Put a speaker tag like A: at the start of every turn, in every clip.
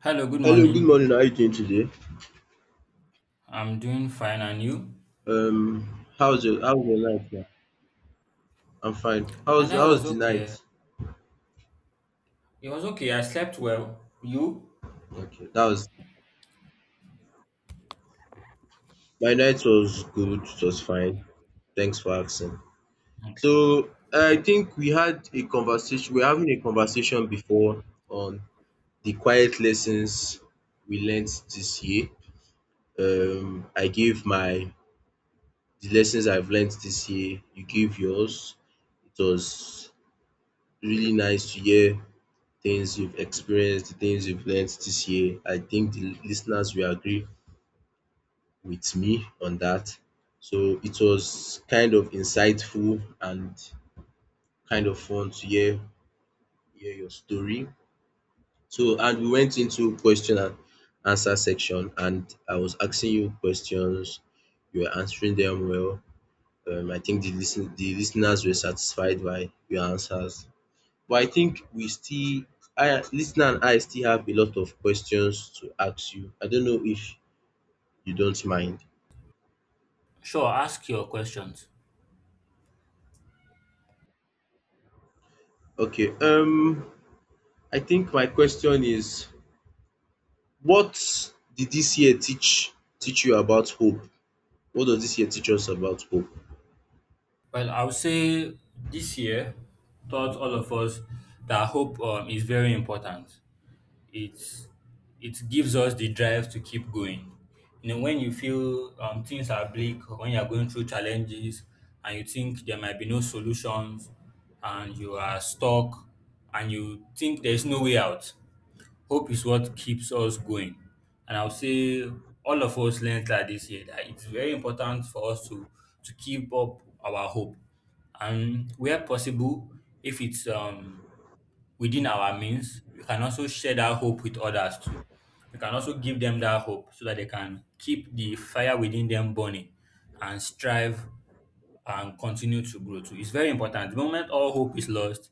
A: Hello, good
B: Hello, good morning.
A: morning.
B: How are you doing today?
A: I'm doing fine, and you?
B: How's your night, man? I'm fine. How's
A: And I
B: how's
A: was
B: the
A: okay.
B: night?
A: It was okay. I slept well. You?
B: Okay, that was my night was good. It was fine. Thanks for asking.
A: Okay.
B: So I think we had a conversation. We're having a conversation before on the quiet lessons we learned this year. I gave my The lessons I've learned this year. You gave yours. It was really nice to hear things you've experienced, the things you've learned this year. I think the listeners will agree with me on that. So it was kind of insightful and kind of fun to hear your story. So and we went into question and answer section and I was asking you questions. You were answering them well. I think the listeners were satisfied by your answers. But I think we still, I, listener and I still have a lot of questions to ask you. I don't know if you don't mind.
A: Sure, ask your questions.
B: Okay, I think my question is, what did this year teach you about hope? What does this year teach us about hope?
A: Well, I would say this year taught all of us that hope is very important. It's it gives us the drive to keep going. You know, when you feel things are bleak, or when you are going through challenges, and you think there might be no solutions, and you are stuck, and you think there's no way out. Hope is what keeps us going. And I'll say all of us learned that this year, that it's very important for us to keep up our hope. And where possible, if it's within our means, we can also share that hope with others too. We can also give them that hope so that they can keep the fire within them burning and strive and continue to grow too. It's very important. The moment all hope is lost,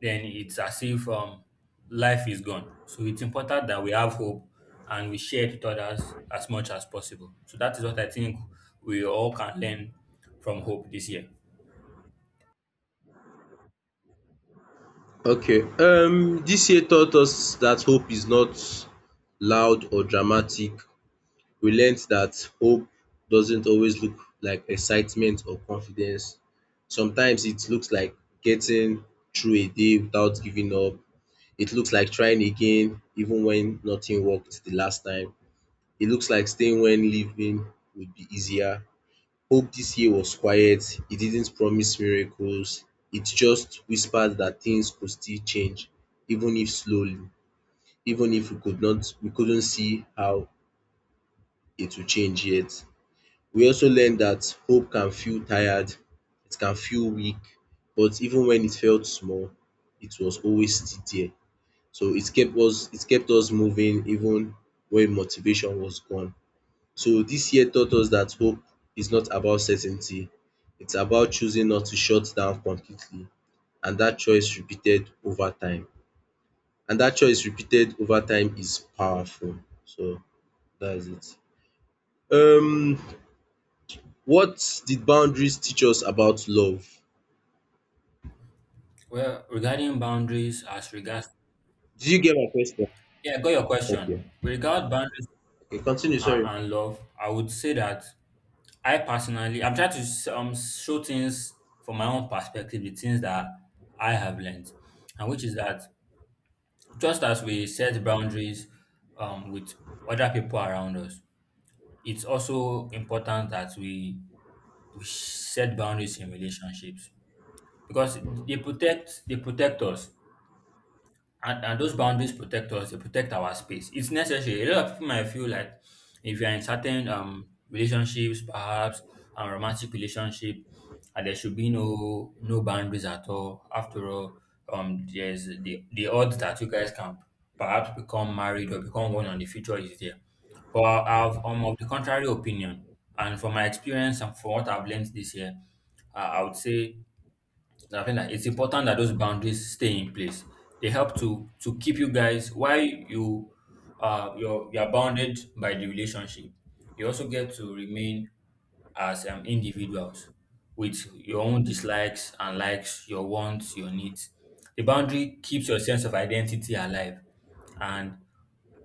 A: then it's as if life is gone. So it's important that we have hope and we share it with others as much as possible. So that is what I think we all can learn from hope this year.
B: Okay, this year taught us that hope is not loud or dramatic. We learned that hope doesn't always look like excitement or confidence. Sometimes it looks like getting through a day without giving up. It looks like trying again even when nothing worked the last time. It looks like staying when leaving would be easier. Hope this year was quiet. It didn't promise miracles. It just whispered that things could still change, even if slowly, even if we couldn't see how it would change yet. We also learned that hope can feel tired, it can feel weak, but even when it felt small, it was always still there. So it kept us moving even when motivation was gone. So this year taught us that hope is not about certainty, it's about choosing not to shut down completely and that choice repeated over time. And that choice repeated over time is powerful. So that's it. Um What did boundaries teach us about love?
A: Well, regarding boundaries, as regards,
B: Did you get my question?
A: yeah, I got your
B: Okay.
A: question. With regard boundaries
B: Okay, continue,
A: and,
B: sorry.
A: and love, I would say that I personally, I'm trying to show things from my own perspective, the things that I have learned, and which is that just as we set boundaries with other people around us, it's also important that we set boundaries in relationships because they protect us. And those boundaries protect us, they protect our space. It's necessary. A lot of people might feel like if you're in certain relationships, perhaps a romantic relationship, and there should be no boundaries at all. After all, there's the odds that you guys can perhaps become married or become one on the future is there. But I've of the contrary opinion, and from my experience and from what I've learned this year, I would say I think that it's important that those boundaries stay in place. They help to keep you guys while you you're bounded by the relationship. You also get to remain as individuals with your own dislikes and likes, your wants, your needs. The boundary keeps your sense of identity alive, and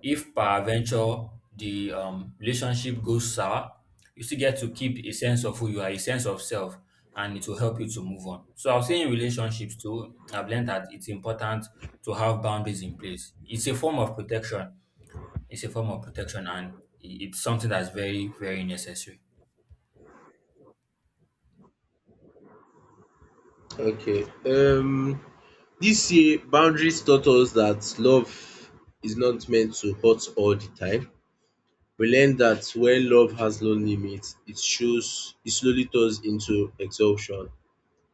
A: if per venture the relationship goes sour, you still get to keep a sense of who you are, a sense of self, and it will help you to move on. So I'll say in relationships too, I've learned that it's important to have boundaries in place. It's a form of protection. It's a form of protection, and it's something that's very, very necessary.
B: Okay. This year boundaries taught us that love is not meant to hurt all the time. We learned that when love has no limits, it shows it slowly turns into exhaustion.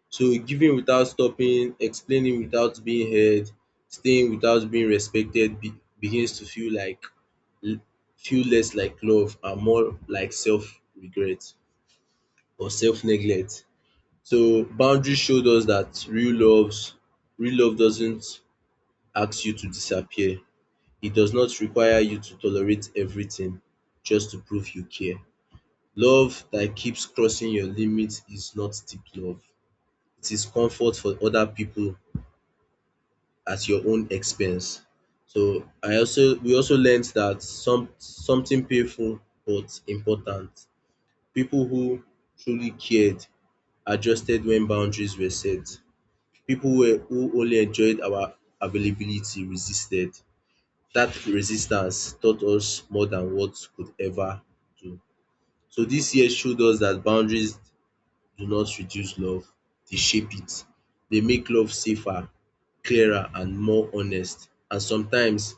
B: So giving without stopping, explaining without being heard, staying without being respected begins to feel like l- feel less like love and more like self regret or self neglect. So boundaries showed us that real love doesn't ask you to disappear. It does not require you to tolerate everything just to prove you care. Love that keeps crossing your limits is not deep love. It is comfort for other people at your own expense. So I also we also learned that something painful but important. People who truly cared adjusted when boundaries were set. People who only enjoyed our availability resisted. That resistance taught us more than words could ever do. So this year showed us that boundaries do not reduce love, they shape it. They make love safer, clearer and more honest. And sometimes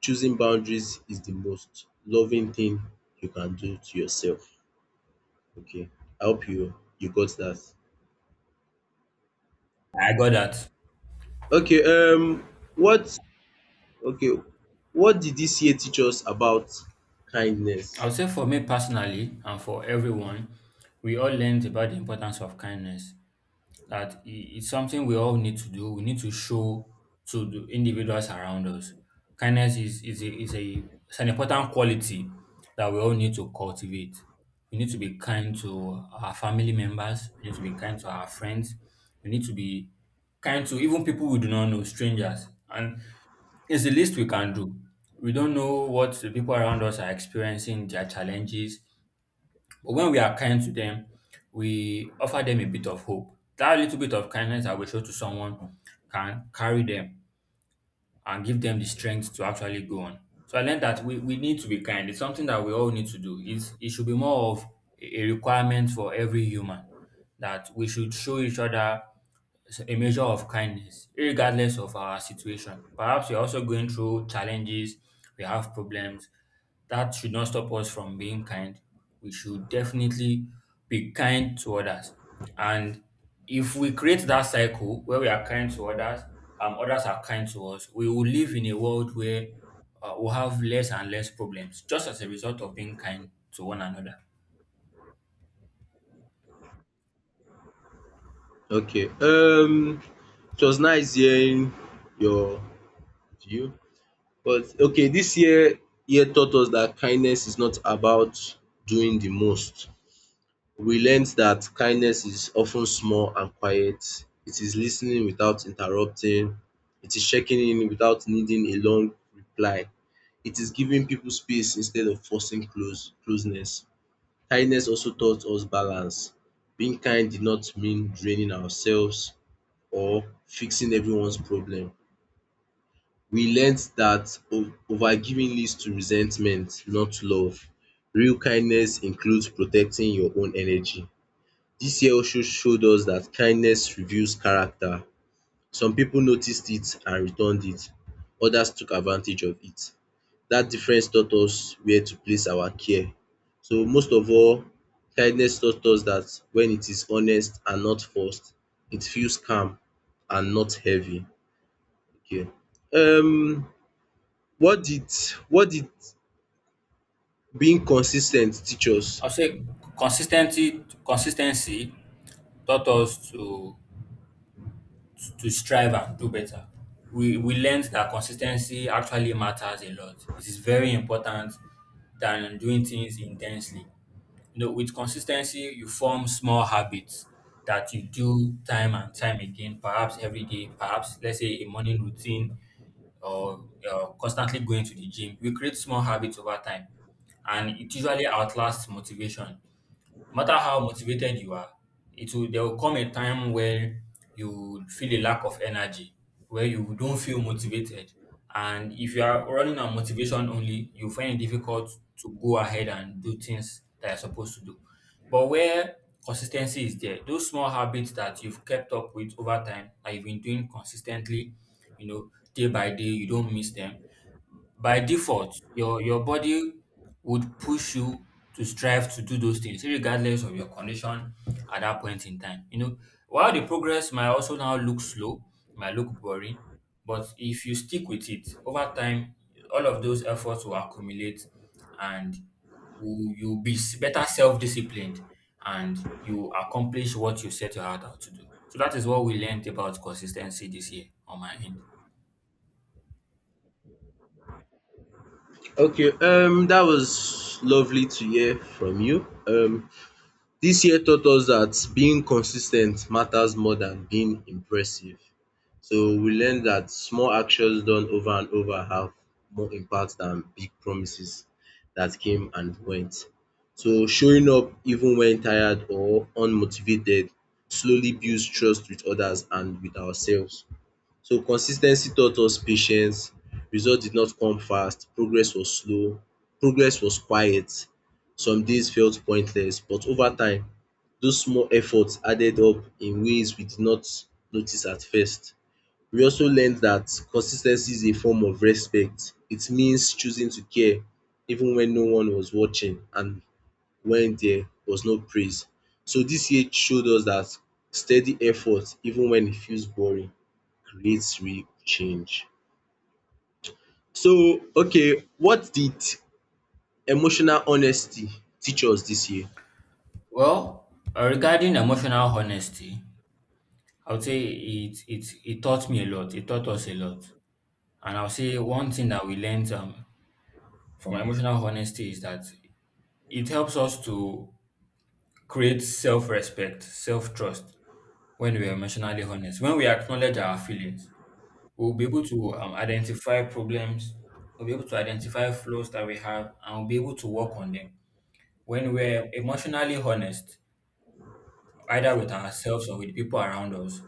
B: choosing boundaries is the most loving thing you can do to yourself. Okay, I hope you got that.
A: I got that.
B: Okay, what okay what did this year teach us about
A: I
B: kindness?
A: would say for me personally, and for everyone, we all learned about the importance of kindness, that it's something we all need to do. We need to show to the individuals around us. Kindness is a it's an important quality that we all need to cultivate. We need to be kind to our family members. We need to be kind to our friends. We need to be kind to even people we do not know, strangers. And it's the least we can do. We don't know what the people around us are experiencing, their challenges, but when we are kind to them, we offer them a bit of hope. That little bit of kindness I will show to someone can carry them and give them the strength to actually go on. So I learned that we need to be kind. It's something that we all need to do. It's, it should be more of a requirement for every human that we should show each other a measure of kindness, regardless of our situation. Perhaps we're also going through challenges, we have problems. That should not stop us from being kind. We should definitely be kind to others. And if we create that cycle where we are kind to others, others are kind to us, we will live in a world where we'll have less and less problems just as a result of being kind to one another.
B: Okay, it was nice hearing your view. But okay, this year taught us that kindness is not about doing the most. We learned that kindness is often small and quiet. It is listening without interrupting. It is checking in without needing a long reply. It is giving people space instead of forcing closeness. Kindness also taught us balance. Being kind did not mean draining ourselves or fixing everyone's problem. We learnt that overgiving leads to resentment, not love. Real kindness includes protecting your own energy. This year also showed us that kindness reveals character. Some people noticed it and returned it, others took advantage of it. That difference taught us where to place our care. So most of all, kindness taught us that when it is honest and not forced, it feels calm and not heavy. Okay. Um what did what did being consistent teach us?
A: I'll say consistency taught us to strive and do better. We learned that consistency actually matters a lot. It is very important than doing things intensely. You know, with consistency, you form small habits that you do time and time again, perhaps every day, perhaps let's say a morning routine, or constantly going to the gym. We create small habits over time, and it usually outlasts motivation. No matter how motivated you are, it will there will come a time where you feel a lack of energy, where you don't feel motivated. And if you are running on motivation only, you find it difficult to go ahead and do things that you're supposed to do. But where consistency is there, those small habits that you've kept up with over time, that you've been doing consistently, you know, day by day, you don't miss them. By default, your body would push you to strive to do those things, regardless of your condition at that point in time. You know, while the progress might also now look slow, might look boring, but if you stick with it over time, all of those efforts will accumulate, and you'll be better self-disciplined, and you accomplish what you set your heart out to do. So that is what we learned about consistency this year on my end.
B: Okay, that was lovely to hear from you. This year taught us that being consistent matters more than being impressive. So we learned that small actions done over and over have more impact than big promises that came and went. So showing up even when tired or unmotivated slowly builds trust with others and with ourselves. So consis ten cy taught us patience, result did not come fast, progress was slow, progress was quiet, some days felt pointless but over time those small efforts added up in ways we did not notice at first. We also learned dat consis ten cy is a form of respect, it means choosing to care even when no one was watching and when there was no praise. So this year showed us that steady effort, even when it feels boring, creates real change. So, okay, what did emotional honesty teach us this year?
A: Well, regarding emotional honesty, I would say it taught me a lot. It taught us a lot. And I'll say one thing that we learned from emotional honesty is that it helps us to create self-respect, self-trust when we are emotionally honest. When we acknowledge our feelings, we'll be able to identify problems, we'll be able to identify flaws that we have, and we'll be able to work on them. When we're emotionally honest, either with ourselves or with people around us,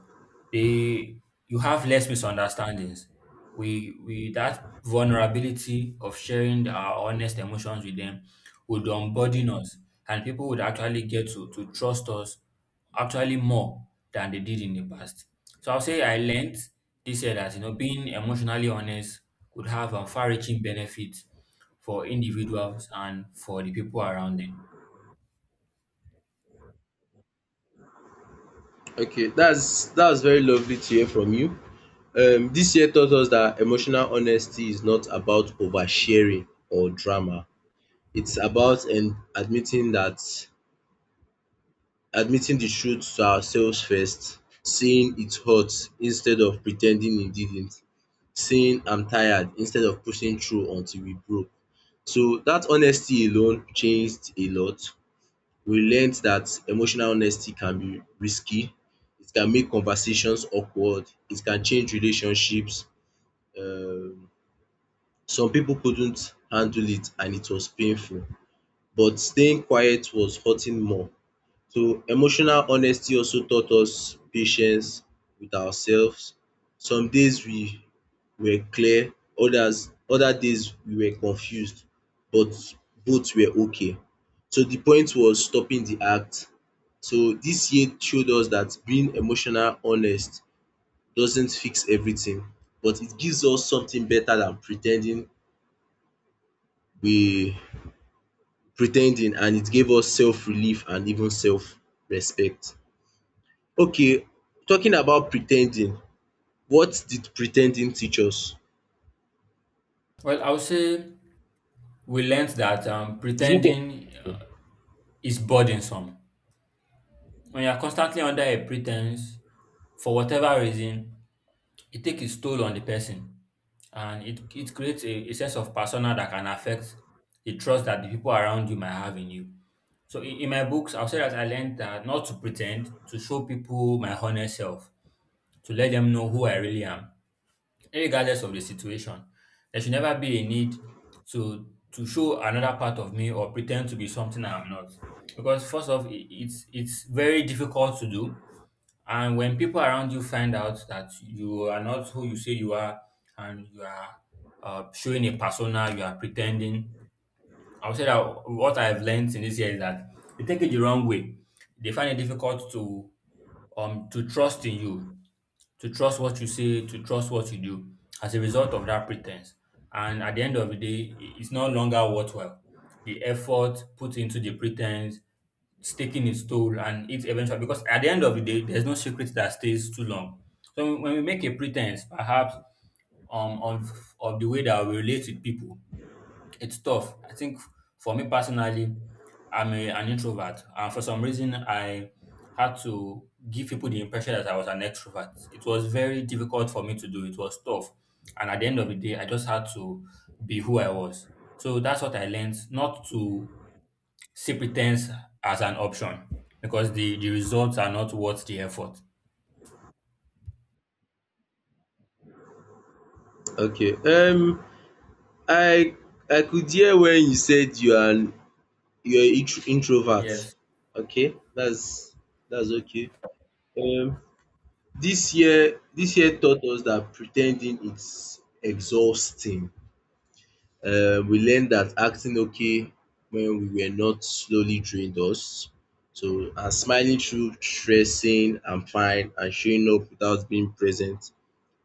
A: they you have less misunderstandings. We that vulnerability of sharing our honest emotions with them would unburden us, and people would actually get to trust us actually more than they did in the past. So I'll say I learned this year that, you know, being emotionally honest could have a far-reaching benefit for individuals and for the people around them.
B: Okay, that's very lovely to hear from you. This year taught us that emotional honesty is not about oversharing or drama. It's about and admitting that Admitting the truth to ourselves first, saying it hurts instead of pretending it didn't, saying I'm tired instead of pushing through until we broke. So that honesty alone changed a lot. We learned that emotional honesty can be risky, it can make conversations awkward, it can change relationships. Um, some people couldn't handle it and it was painful, but staying quiet was hurting more. So emotional honesty also taught us patience with ourselves. Some days we were clear, other days we were confused, but both were okay. So the point was stopping the act. So this year showed us that being emotional honest doesn't fix everything but it gives us something better than pretending. we and it gave us self relief and even self respect. Okay, talking about pretending, what did pretending teach us?
A: Well, I'll say we learned that pretending is burdensome. When you are constantly under a pretense, for whatever reason, it takes its toll on the person, and it creates a sense of persona that can affect the trust that the people around you might have in you. So, in my books, I'll say that I learned that not to pretend, to show people my honest self, to let them know who I really am. Regardless of the situation, there should never be a need to show another part of me or pretend to be something I'm not. Because first off, it's very difficult to do, and when people around you find out that you are not who you say you are, and you are showing a persona, you are pretending. I would say that what I've learned in this year is that they take it the wrong way. They find it difficult to trust in you, to trust what you say, to trust what you do as a result of that pretense. And at the end of the day, it's no longer worthwhile. The effort put into the pretense, it's taking its toll, and it eventually, because at the end of the day, there's no secret that stays too long. So when we make a pretense, perhaps um of, of the way that we relate with people, it's tough. I think for me personally, I'm a, an introvert, and for some reason, I had to give people the impression that I was an extrovert. It was very difficult for me to do. It was tough, and at the end of the day, I just had to be who I was. So that's what I learned: not to see pretense as an option, because the results are not worth the effort.
B: Okay, I I could hear when you said you are introvert.
A: Yes,
B: Okay, that's okay. Um this year taught us that pretending is exhausting. We learned that acting okay when we were not slowly drained us. So and smiling through stressing, I'm fine and showing up without being present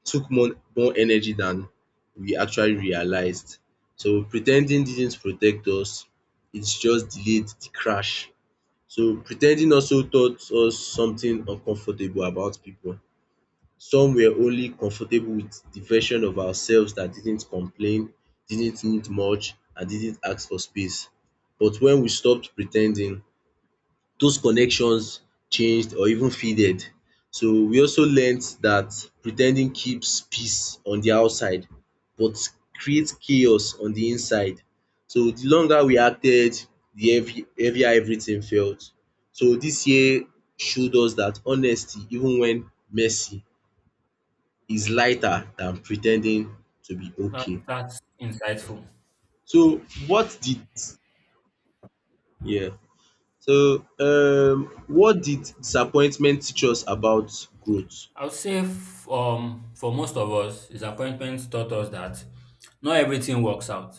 B: took more energy than we actually realized. So pretending didn't protect us, it just delayed the crash. So pretending also taught us something uncomfortable about people. Some were only comfortable with the version of ourselves that didn't complain, didn't need much and didn't ask for space. But when we stopped pretending, those connections changed or even faded. So we also learnt that pretending keeps peace on the outside but creates chaos on the inside. So the longer we acted, the heavy heavier everything felt. So this year showed us that honesty even when messy is lighter than pretending to be
A: that,
B: okay.
A: that's insightful.
B: So what did yeah what did disappointment teach us about growth?
A: I would say for most of us, disappointment taught us that not everything works out,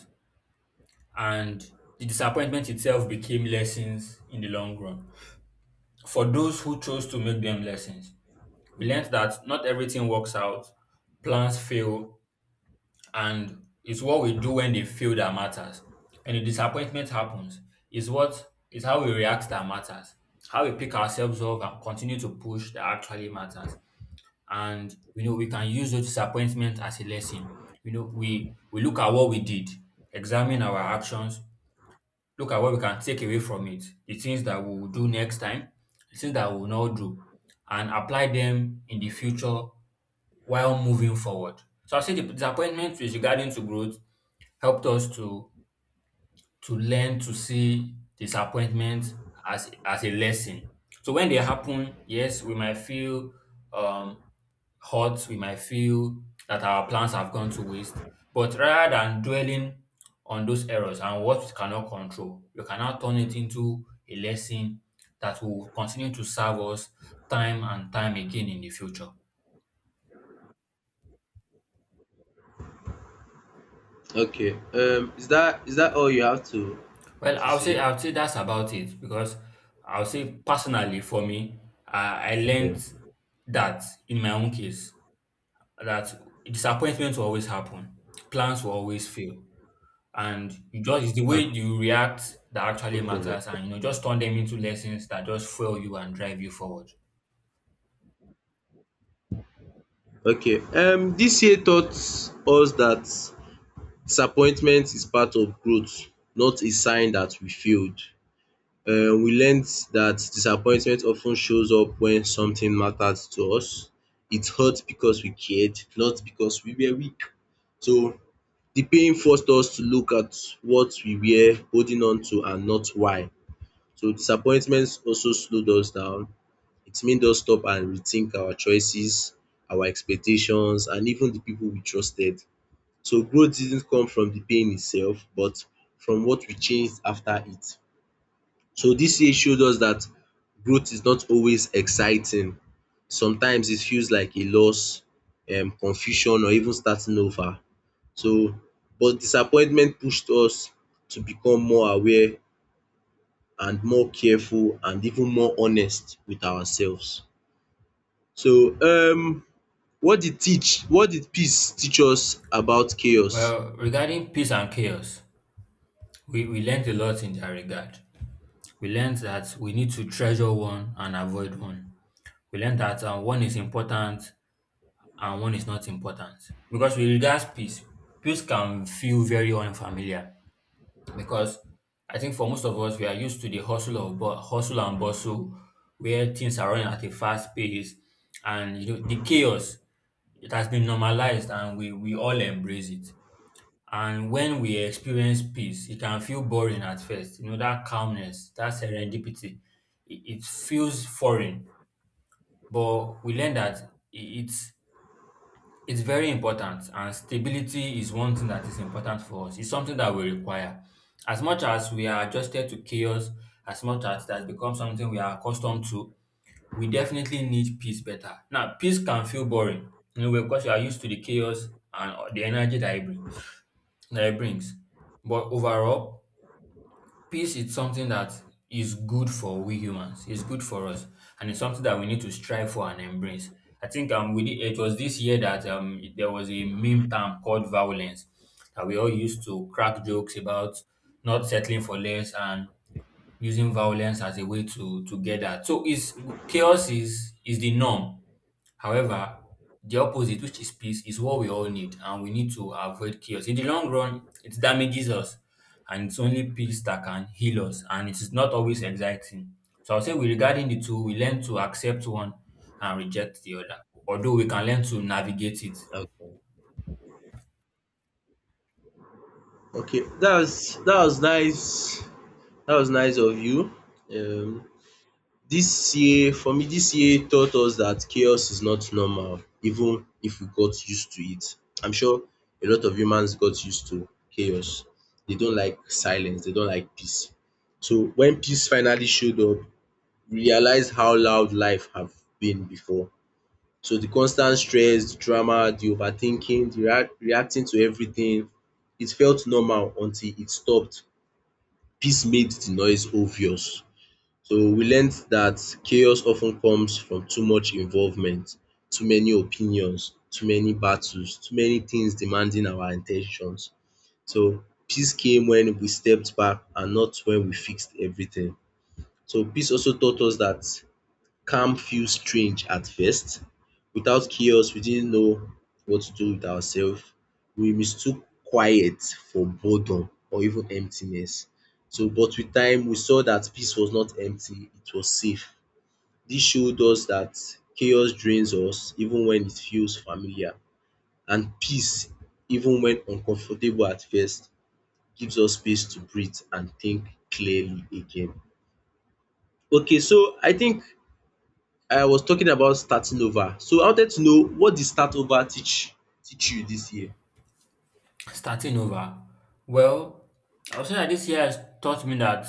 A: and the disappointment itself became lessons in the long run. For those who chose to make them lessons, we learned that not everything works out, plans fail, and it's what we do when they fail that matters. And the disappointment happens, is what is how we react that matters, how we pick ourselves up and continue to push that actually matters. And you know we can use those disappointment as a lesson. You know, we look at what we did, examine our actions, look at what we can take away from it, the things that we will do next time, the things that we will not do, and apply them in the future while moving forward. So I say the disappointment is regarding to growth, helped us to learn to see disappointment as a lesson. So when they happen, yes, we might feel um hurt, we might feel that our plans have gone to waste. But rather than dwelling on those errors and what we cannot control, we can now turn it into a lesson that will continue to serve us time and time again in the future.
B: Okay. Is that all you have
A: Well,
B: to say?
A: I will say that's about it because I will say personally for me, I
B: Okay.
A: learned that in my own case that disappointments will always happen, plans will always fail, and you just it's the way
B: Okay,
A: you react that
B: no
A: actually
B: problem.
A: matters, and you know just turn them into lessons that just fuel you and drive you forward.
B: Okay. This year taught us that disappointment is part of growth, not a sign that we failed. We learned that disappointment often shows up when something matters to us. It hurt because we cared, not because we were weak. So the pain forced us to look at what we were holding on to and not why. So disappointments also slowed us down. It made us stop and rethink our choices, our expectations, and even the people we trusted. So growth didn't come from the pain itself, but from what we changed after it. So this year showed us that growth is not always exciting. Sometimes it feels like a loss, confusion, or even starting over. So, but disappointment pushed us to become more aware and more careful and even more honest with ourselves. So what did peace teach us about chaos?
A: Well, regarding peace and chaos, we learned a lot in that regard. We learned that we need to treasure one and avoid one. We learned that one is important and one is not important. Because with regards peace, peace can feel very unfamiliar because I think for most of us we are used to the hustle and bustle where things are running at a fast pace, and you know the chaos, it has been normalized and we all embrace it. And when we experience peace, it can feel boring at first. You know, that calmness, that serendipity, it feels foreign. But we learn that it's it's very important, and stability is one thing that is important for us. It's something that we require. As much as we are adjusted to chaos, as much as that becomes something we are accustomed to, we definitely need peace better. Now, peace can feel boring, you know, because you are used to the chaos and the energy that it brings. That it brings. But overall, peace is something that is good for we humans. It's good for us, and it's something that we need to strive for and embrace. I think we did, it was this year that there was a meme term called violence that we all used to crack jokes about not settling for less and using violence as a way to get that. So is chaos is the norm. However, the opposite, which is peace, is what we all need, and we need to avoid chaos. In the long run, it damages us, and it's only peace that can heal us, and it is not always exciting. So I'll say, with regarding the two, we learn to accept one and reject the other, although we can learn to navigate it.
B: Okay. Okay, that was nice. That was nice of you. Um, this year, for me, this year taught us that chaos is not normal, even if we got used to it. I'm sure a lot of humans got used to chaos. They don't like silence. They don't like peace. So when peace finally showed up, realize how loud life have been before. So the constant stress, the drama, the overthinking, the reacting to everything, it felt normal until it stopped. Peace made the noise obvious. So we learned that chaos often comes from too much involvement, too many opinions, too many battles, too many things demanding our intentions. So peace came when we stepped back and not when we fixed everything. So peace also taught us that calm feels strange at first. Without chaos, we didn't know what to do with ourselves. We mistook quiet for boredom or even emptiness. But with time, we saw that peace was not empty, it was safe. This showed us that chaos drains us even when it feels familiar. And peace, even when uncomfortable at first, gives us space to breathe and think clearly again. Okay, so I think I was talking about starting over. So I wanted to know, what did start over teach you this year?
A: Starting over, well, I'll say that this year has taught me that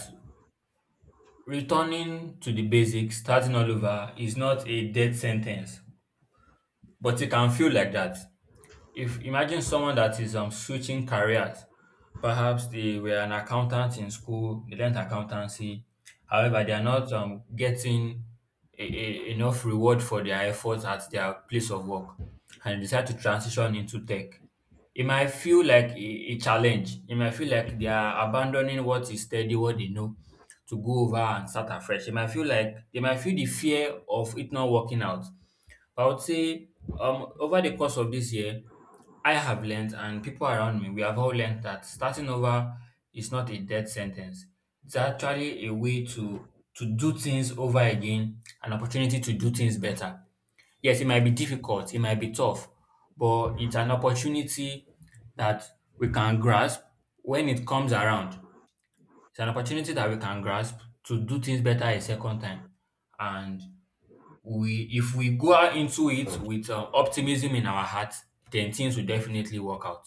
A: returning to the basics, starting all over, is not a death sentence, but it can feel like that. If imagine someone that is switching careers, perhaps they were an accountant in school, they learned accountancy. However, they are not getting enough reward for their efforts at their place of work, and they decide to transition into tech. It might feel like a challenge. It might feel like they are abandoning what is steady, what they know, to go over and start afresh. It might feel like they might feel the fear of it not working out. But I would say, over the course of this year, I have learned, and people around me, we have all learned that starting over is not a death sentence. It's actually a way to do things over again, an opportunity to do things better. Yes, it might be difficult, it might be tough, but it's an opportunity that we can grasp when it comes around. It's an opportunity that we can grasp to do things better a second time. And we if we go out into it with optimism in our heart, then things will definitely work out.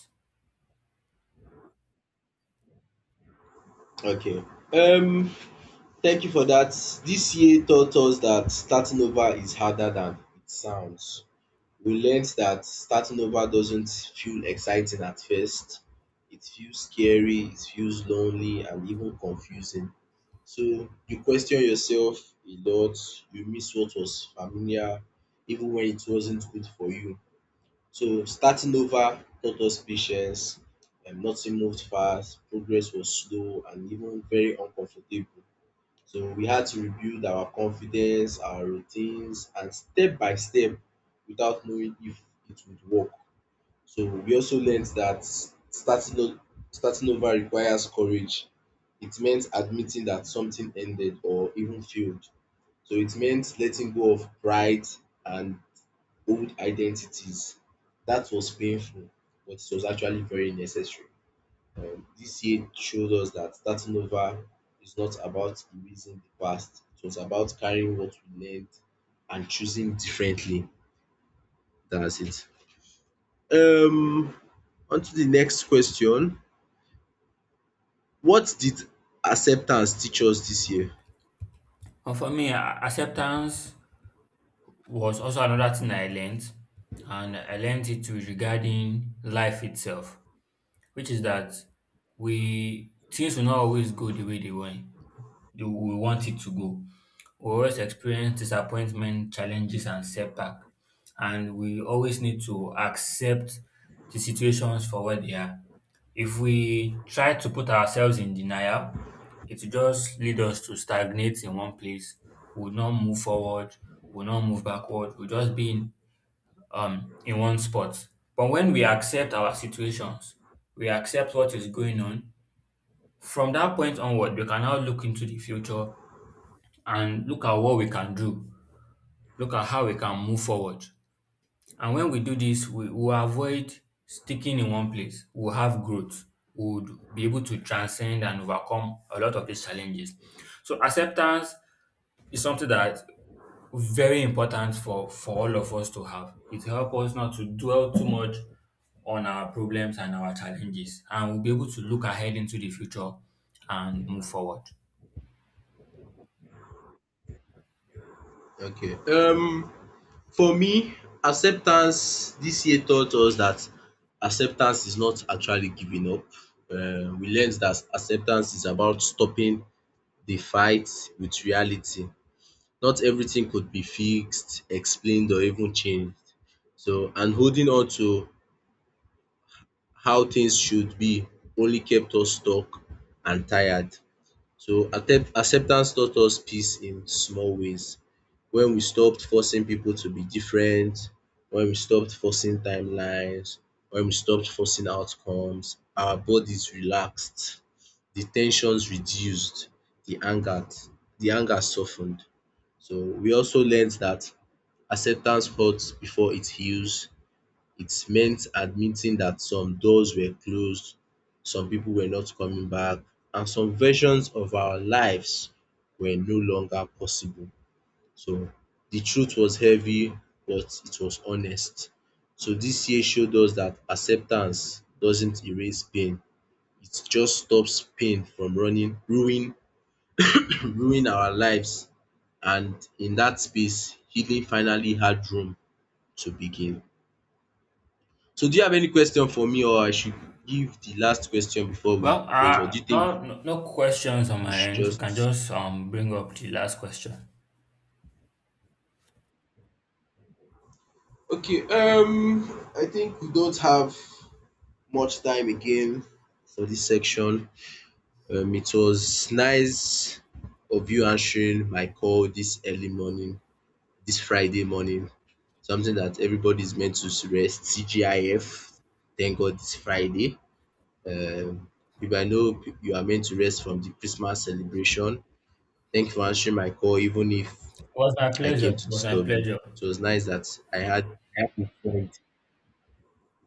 B: Okay. Um, thank you for that. This year taught us that starting over is harder than it sounds. We learned that starting over doesn't feel exciting at first. It feels scary, it feels lonely, and even confusing. So you question yourself a lot, you miss what was familiar, even when it wasn't good for you. So starting over taught us patience. Nothing moved fast, progress was slow and even very uncomfortable. So we had to rebuild our confidence, our routines, and step by step without knowing if it would work. So we also learned that starting o- starting over requires courage. It meant admitting that something ended or even failed. So it meant letting go of pride and old identities. That was painful, but it was actually very necessary. This year showed us that starting over is not about erasing the past, it was about carrying what we learned and choosing differently. That's it. Um, on to the next question. What did acceptance teach us this year?
A: And for me, acceptance was also another thing I learned, and I learned it regarding life itself, which is that we things will not always go the way we want it to go. We always experience disappointment, challenges, and setback, and we always need to accept the situations for what they are. If we try to put ourselves in denial, it will just lead us to stagnate in one place. We will not move forward, we will not move backward, we'll just be in one spot. But when we accept our situations, we accept what is going on, from that point onward, we can now look into the future and look at what we can do, look at how we can move forward. And when we do this, we will avoid sticking in one place. We'll have growth. We'll be able to transcend and overcome a lot of these challenges. So acceptance is something that very important for all of us to have. It helps us not to dwell too much on our problems and our challenges, and we'll be able to look ahead into the future and move forward.
B: Okay. For me, acceptance this year taught us that acceptance is not actually giving up. We learned that acceptance is about stopping the fight with reality. Not everything could be fixed, explained, or even changed. So, and holding on to how things should be only kept us stuck and tired. So acceptance taught us peace in small ways. When we stopped forcing people to be different, when we stopped forcing timelines, when we stopped forcing outcomes, our bodies relaxed, the tensions reduced, the anger the anger softened. So we also learned that acceptance hurts before it heals. It meant admitting that some doors were closed, some people were not coming back, and some versions of our lives were no longer possible. So the truth was heavy, but it was honest. So this year showed us that acceptance doesn't erase pain. It just stops pain from ruin our lives. And in that space, healing finally had room to begin. So do you have any question for me, or I should give the last question before we
A: Well,
B: close, or do you think
A: no questions on
B: we
A: my
B: should
A: end. You can
B: just…
A: just bring up the last question. It
B: Okay, um, I think we don't have much time again for this section. Um, it was nice of you answering my call this early morning, this Friday morning. Something that everybody is meant to rest, CGIF, thank God it's Friday. Um, if I know you are meant to rest from the Christmas celebration, thank you for answering my call, even if
A: was my
B: I
A: pleasure.
B: came
A: It
B: to
A: was my
B: disturb you.
A: pleasure.
B: It was nice that I had I have a friend.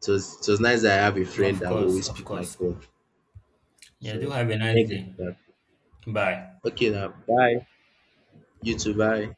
B: It was nice that I have a friend
A: Of
B: that will
A: course,
B: always
A: of
B: pick my
A: course.
B: call.
A: Yeah, do
B: So
A: have a nice
B: thank you for
A: day.
B: that.
A: Bye.
B: Okay now. Bye. You too, bye.